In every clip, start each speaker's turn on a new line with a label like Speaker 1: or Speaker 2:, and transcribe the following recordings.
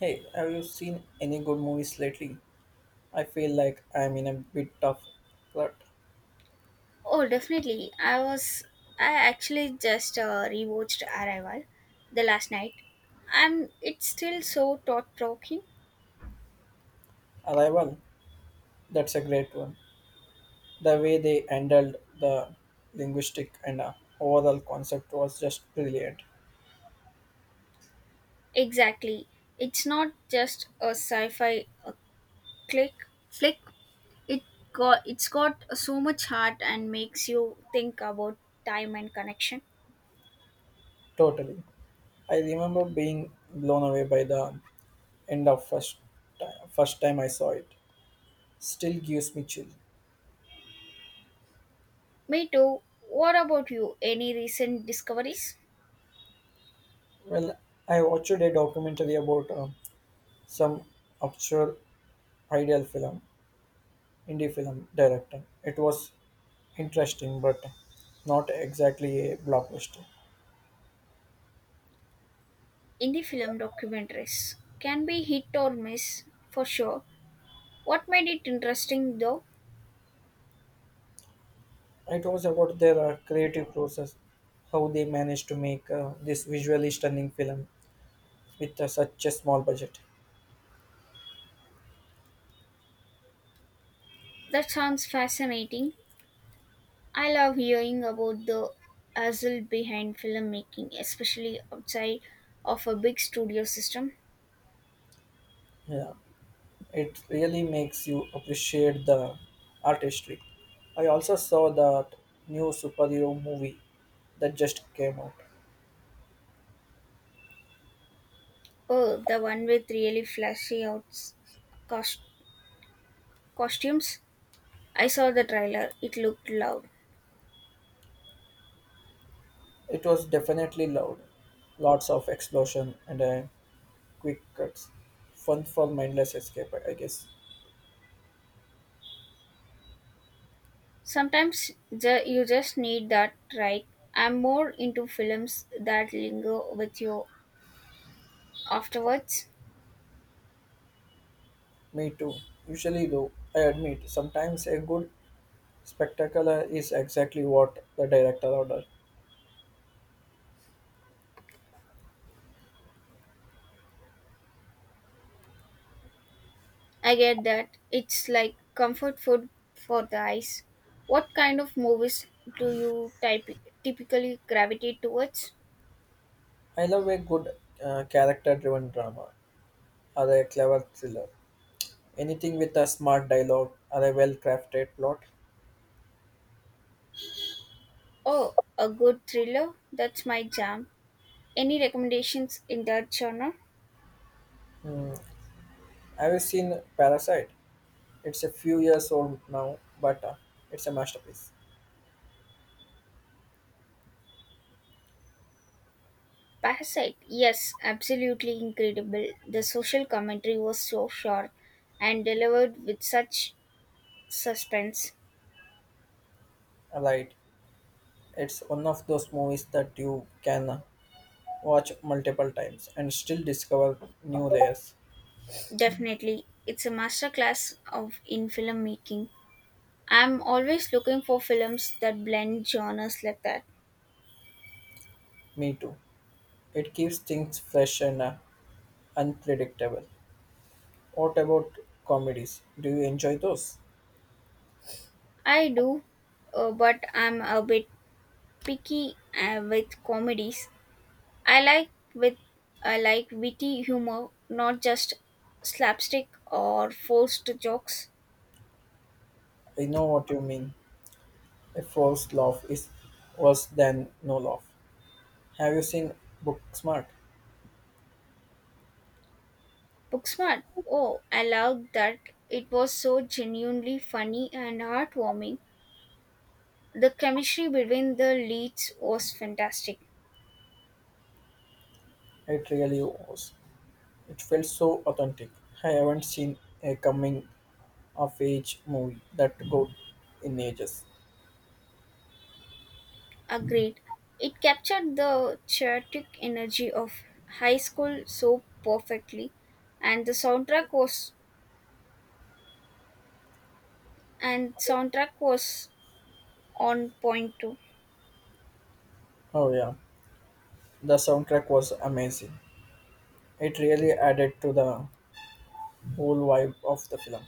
Speaker 1: Hey, have you seen any good movies lately? I feel like I'm in a bit of rut.
Speaker 2: Oh, definitely. I was. I actually just rewatched Arrival the last night, and it's still so thought provoking.
Speaker 1: Arrival, that's a great one. The way they handled the linguistic and overall concept was just brilliant.
Speaker 2: Exactly. It's not just a sci-fi click flick. It it's got so much heart and makes you think about time and connection.
Speaker 1: Totally. I remember being blown away by the end of first time I saw it. Still gives me chill.
Speaker 2: Me too. What about you? Any recent discoveries
Speaker 1: Well, I watched a documentary about some obscure ideal film, indie film director. It was interesting, but not exactly a blockbuster.
Speaker 2: in the film documentaries? Can be hit or miss for sure. What made it interesting though?
Speaker 1: It was about their creative process, how they managed to make this visually stunning film with such a small budget.
Speaker 2: That sounds fascinating. I love hearing about the hustle behind filmmaking, especially outside of a big studio system.
Speaker 1: Yeah, it really makes you appreciate the artistry. I also saw that new superhero movie that just came out.
Speaker 2: Oh, the one with really flashy outs cos- costumes. I saw the trailer. It looked loud.
Speaker 1: It was definitely loud, lots of explosion and quick cuts, fun for mindless escape, I guess.
Speaker 2: Sometimes you just need that, right. I'm more into films that linger with you afterwards.
Speaker 1: Me too. Usually, though, I admit, sometimes a good spectacle is exactly what the director ordered.
Speaker 2: I get that. It's like comfort food for the eyes. What kind of movies do you typically gravitate towards?
Speaker 1: I love a good character driven drama or a clever thriller. Anything with a smart dialogue or a well crafted plot.
Speaker 2: Oh, a good thriller? That's my jam. Any recommendations in that genre?
Speaker 1: Hmm. Have you seen Parasite? It's a few years old now, but it's a masterpiece.
Speaker 2: Parasite? Yes, absolutely incredible. The social commentary was so sharp and delivered with such suspense.
Speaker 1: Right. It's one of those movies that you can watch multiple times and still discover new layers.
Speaker 2: Definitely, it's a masterclass of in filmmaking. I'm always looking for films that blend genres like that.
Speaker 1: Me too. It keeps things fresh and unpredictable. What about comedies? Do you enjoy those?
Speaker 2: I do, but I'm a bit picky with comedies. I like with I like witty humor, not just slapstick or forced jokes.
Speaker 1: I know what you mean. A forced laugh is worse than no laugh. Have you seen Booksmart?
Speaker 2: Booksmart. Oh, I loved that. It was so genuinely funny and heartwarming. The chemistry between the leads was fantastic.
Speaker 1: It really was. It felt so authentic. I haven't seen a coming of age movie that go in ages.
Speaker 2: Agreed. It captured the chaotic energy of high school so perfectly, and the soundtrack was on point too.
Speaker 1: Oh yeah, the soundtrack was amazing. It really added to the whole vibe of the film.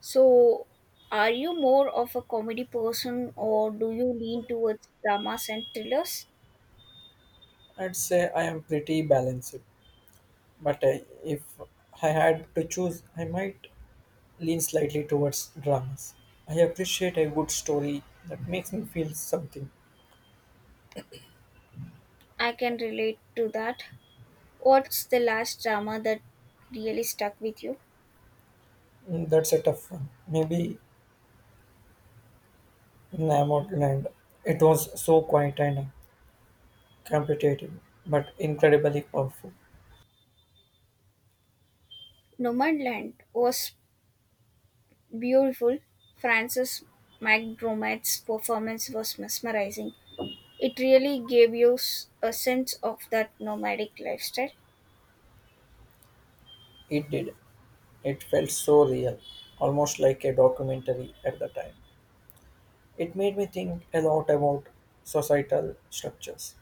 Speaker 2: So, are you more of a comedy person or do you lean towards dramas and thrillers?
Speaker 1: I'd say I am pretty balanced. But if I had to choose, I might lean slightly towards dramas. I appreciate a good story that makes me feel something.
Speaker 2: I can relate to that. What's the last drama that really stuck with you?
Speaker 1: That's a tough one. Maybe Land. It was so quiet and competitive, but incredibly powerful.
Speaker 2: Nomadland was beautiful. Frances McDormand's performance was mesmerizing. It really gave you a sense of that nomadic lifestyle.
Speaker 1: It did. It felt so real, almost like a documentary at the time. It made me think a lot about societal structures.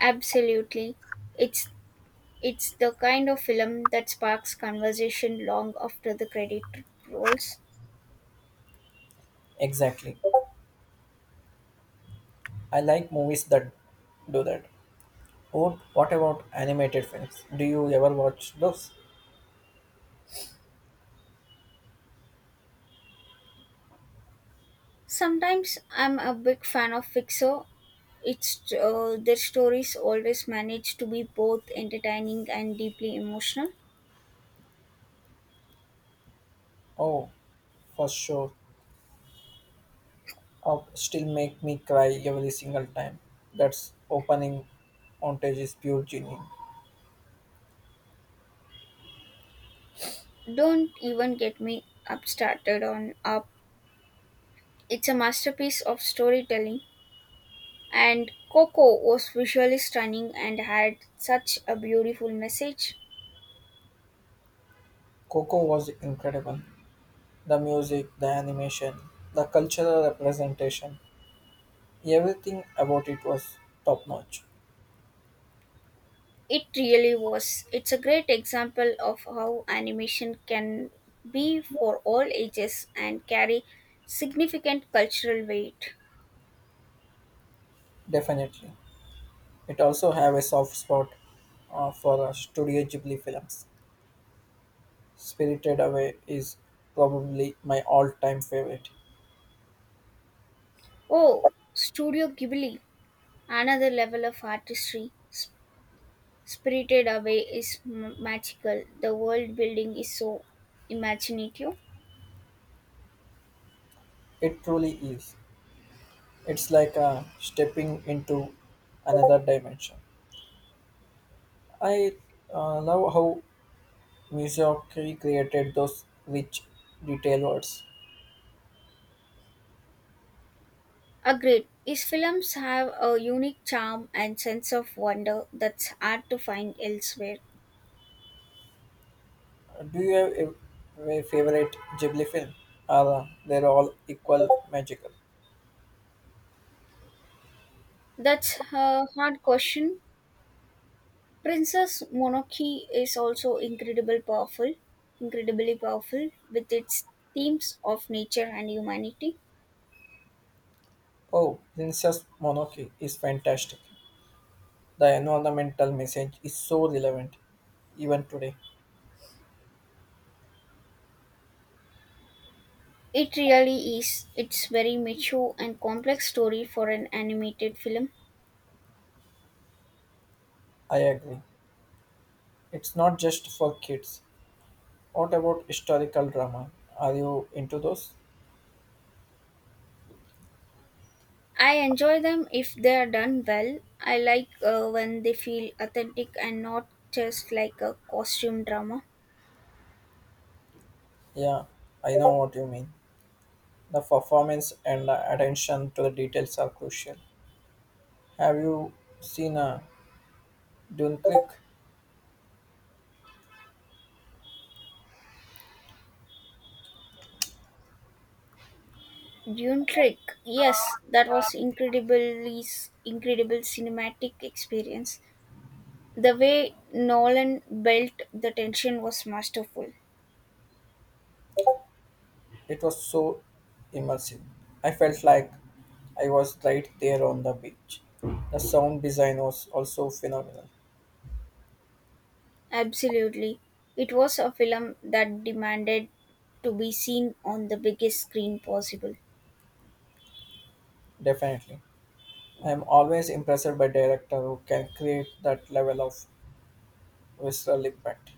Speaker 2: Absolutely. It's It's the kind of film that sparks conversation long after the credit rolls.
Speaker 1: Exactly. I like movies that do that. Oh, what about animated films? Do you ever watch those?
Speaker 2: Sometimes I'm a big fan of Pixar. It's Their stories always manage to be both entertaining and deeply emotional.
Speaker 1: Oh, for sure. Oh, still make me cry every single time. That's opening montage is pure genius.
Speaker 2: Don't even get me up started on Up. It's a masterpiece of storytelling, and Coco was visually stunning and had such a beautiful message.
Speaker 1: Coco was incredible. The music, the animation, the cultural representation, everything about it was top notch.
Speaker 2: It really was. It's a great example of how animation can be for all ages and carry significant cultural weight.
Speaker 1: Definitely. It also have a soft spot for Studio Ghibli films. Spirited Away is probably my all-time favorite.
Speaker 2: Oh, Studio Ghibli, another level of artistry. Spirited Away is magical. The world building is so imaginative.
Speaker 1: It truly is. It's like stepping into another dimension. I love how Miyazaki created those rich, detailed words.
Speaker 2: Agreed. His films have a unique charm and sense of wonder that's hard to find elsewhere.
Speaker 1: Do you have a favorite Ghibli film? Or they're all equal magical?
Speaker 2: That's a hard question. Princess Mononoke is also incredibly powerful with its themes of nature and humanity.
Speaker 1: Oh, Princess Mononoke is fantastic. The environmental message is so relevant, even today.
Speaker 2: It really is. It's very mature and complex story for an animated film.
Speaker 1: I agree. It's not just for kids. What about historical drama? Are you into those?
Speaker 2: I enjoy them if they are done well. I like when they feel authentic and not just like a costume drama.
Speaker 1: Yeah, I know what you mean. The performance and the attention to the details are crucial. Have you seen a Dune Click?
Speaker 2: Dune Trick. Yes, that was incredibly incredible cinematic experience. The way Nolan built the tension was masterful.
Speaker 1: It was so immersive. I felt like I was right there on the beach. The sound design was also phenomenal.
Speaker 2: Absolutely. It was a film that demanded to be seen on the biggest screen possible.
Speaker 1: Definitely. I am always impressed by director who can create that level of visceral impact.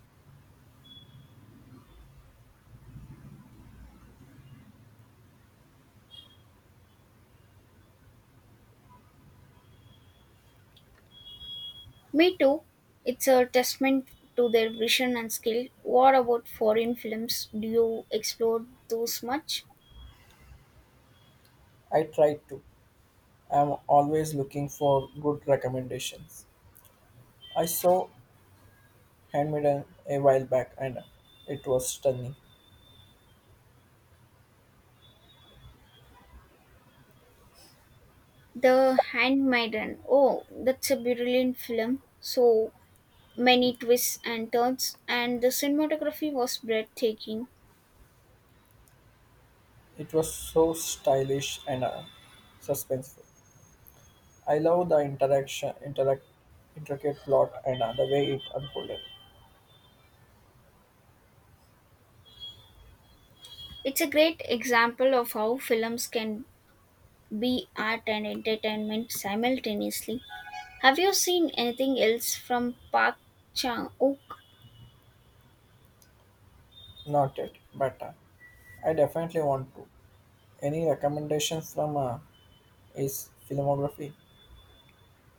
Speaker 2: Me too. It's a testament to their vision and skill. What about foreign films? Do you explore those much?
Speaker 1: I try to. I am always looking for good recommendations. I saw handmade a while back and it was stunning.
Speaker 2: The Handmaiden. Oh, that's a brilliant film. So many twists and turns, and the cinematography was breathtaking.
Speaker 1: It was so stylish and suspenseful. I love the intricate plot and the way it unfolded.
Speaker 2: It's a great example of how films can be art and entertainment simultaneously. Have you seen anything else from Park Chan-wook?
Speaker 1: Not it, but I definitely want to. Any recommendations from is filmography?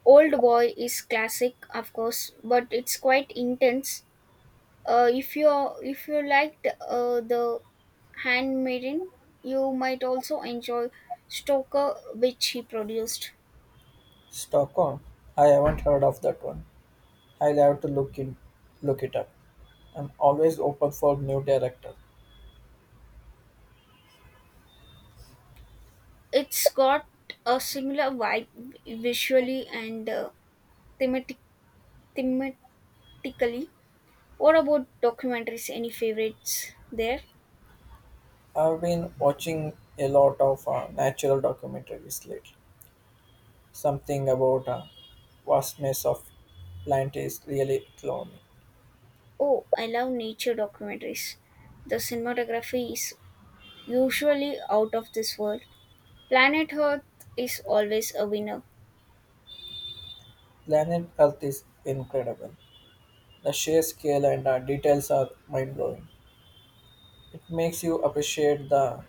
Speaker 2: Old Boy is classic, of course, but it's quite intense. If you liked the Handmaiden, you might also enjoy Stoker, which he produced.
Speaker 1: Stockholm. I haven't heard of that one. I'll have to look it up. I'm always open for new director.
Speaker 2: It's got a similar vibe visually and thematic thematically. What about documentaries? Any favorites there?
Speaker 1: I've been watching a lot of natural documentaries lately. Something about the vastness of planet is really claw me.
Speaker 2: Oh, I love nature documentaries. The cinematography is usually out of this world. Planet Earth is always a winner.
Speaker 1: Planet Earth is incredible. The sheer scale and the details are mind blowing. It makes you appreciate the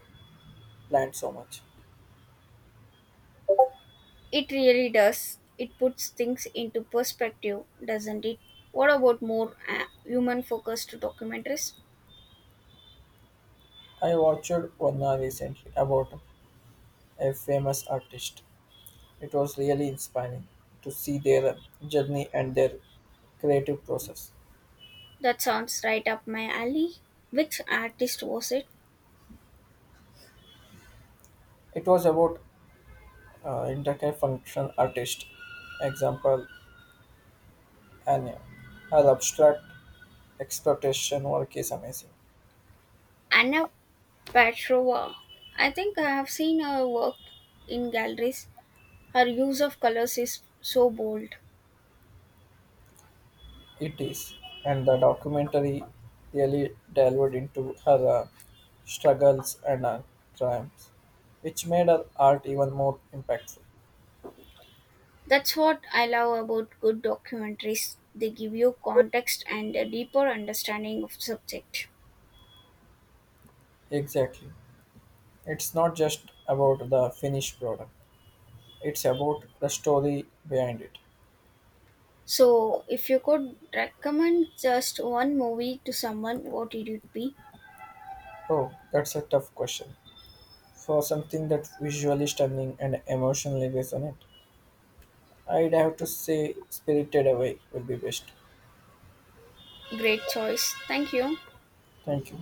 Speaker 1: plant so much.
Speaker 2: It really does. It puts things into perspective, doesn't it? What about more human focused documentaries?
Speaker 1: I watched one recently about a famous artist. It was really inspiring to see their journey and their creative process.
Speaker 2: That sounds right up my alley. Which artist was it?
Speaker 1: It was about interconnection artist, example, Anne. Her abstract exploitation work is amazing.
Speaker 2: Anna Petrova. I think I have seen her work in galleries. Her use of colors is so bold.
Speaker 1: It is, and the documentary really delved into her struggles and triumphs, which made her art even more impactful.
Speaker 2: That's what I love about good documentaries. They give you context and a deeper understanding of subject.
Speaker 1: Exactly. It's not just about the finished product, it's about the story behind it.
Speaker 2: So, if you could recommend just one movie to someone, what it would be?
Speaker 1: Oh, that's a tough question. For something that's visually stunning and emotionally resonant, I'd have to say Spirited Away will be best.
Speaker 2: Great choice. Thank you.
Speaker 1: Thank you.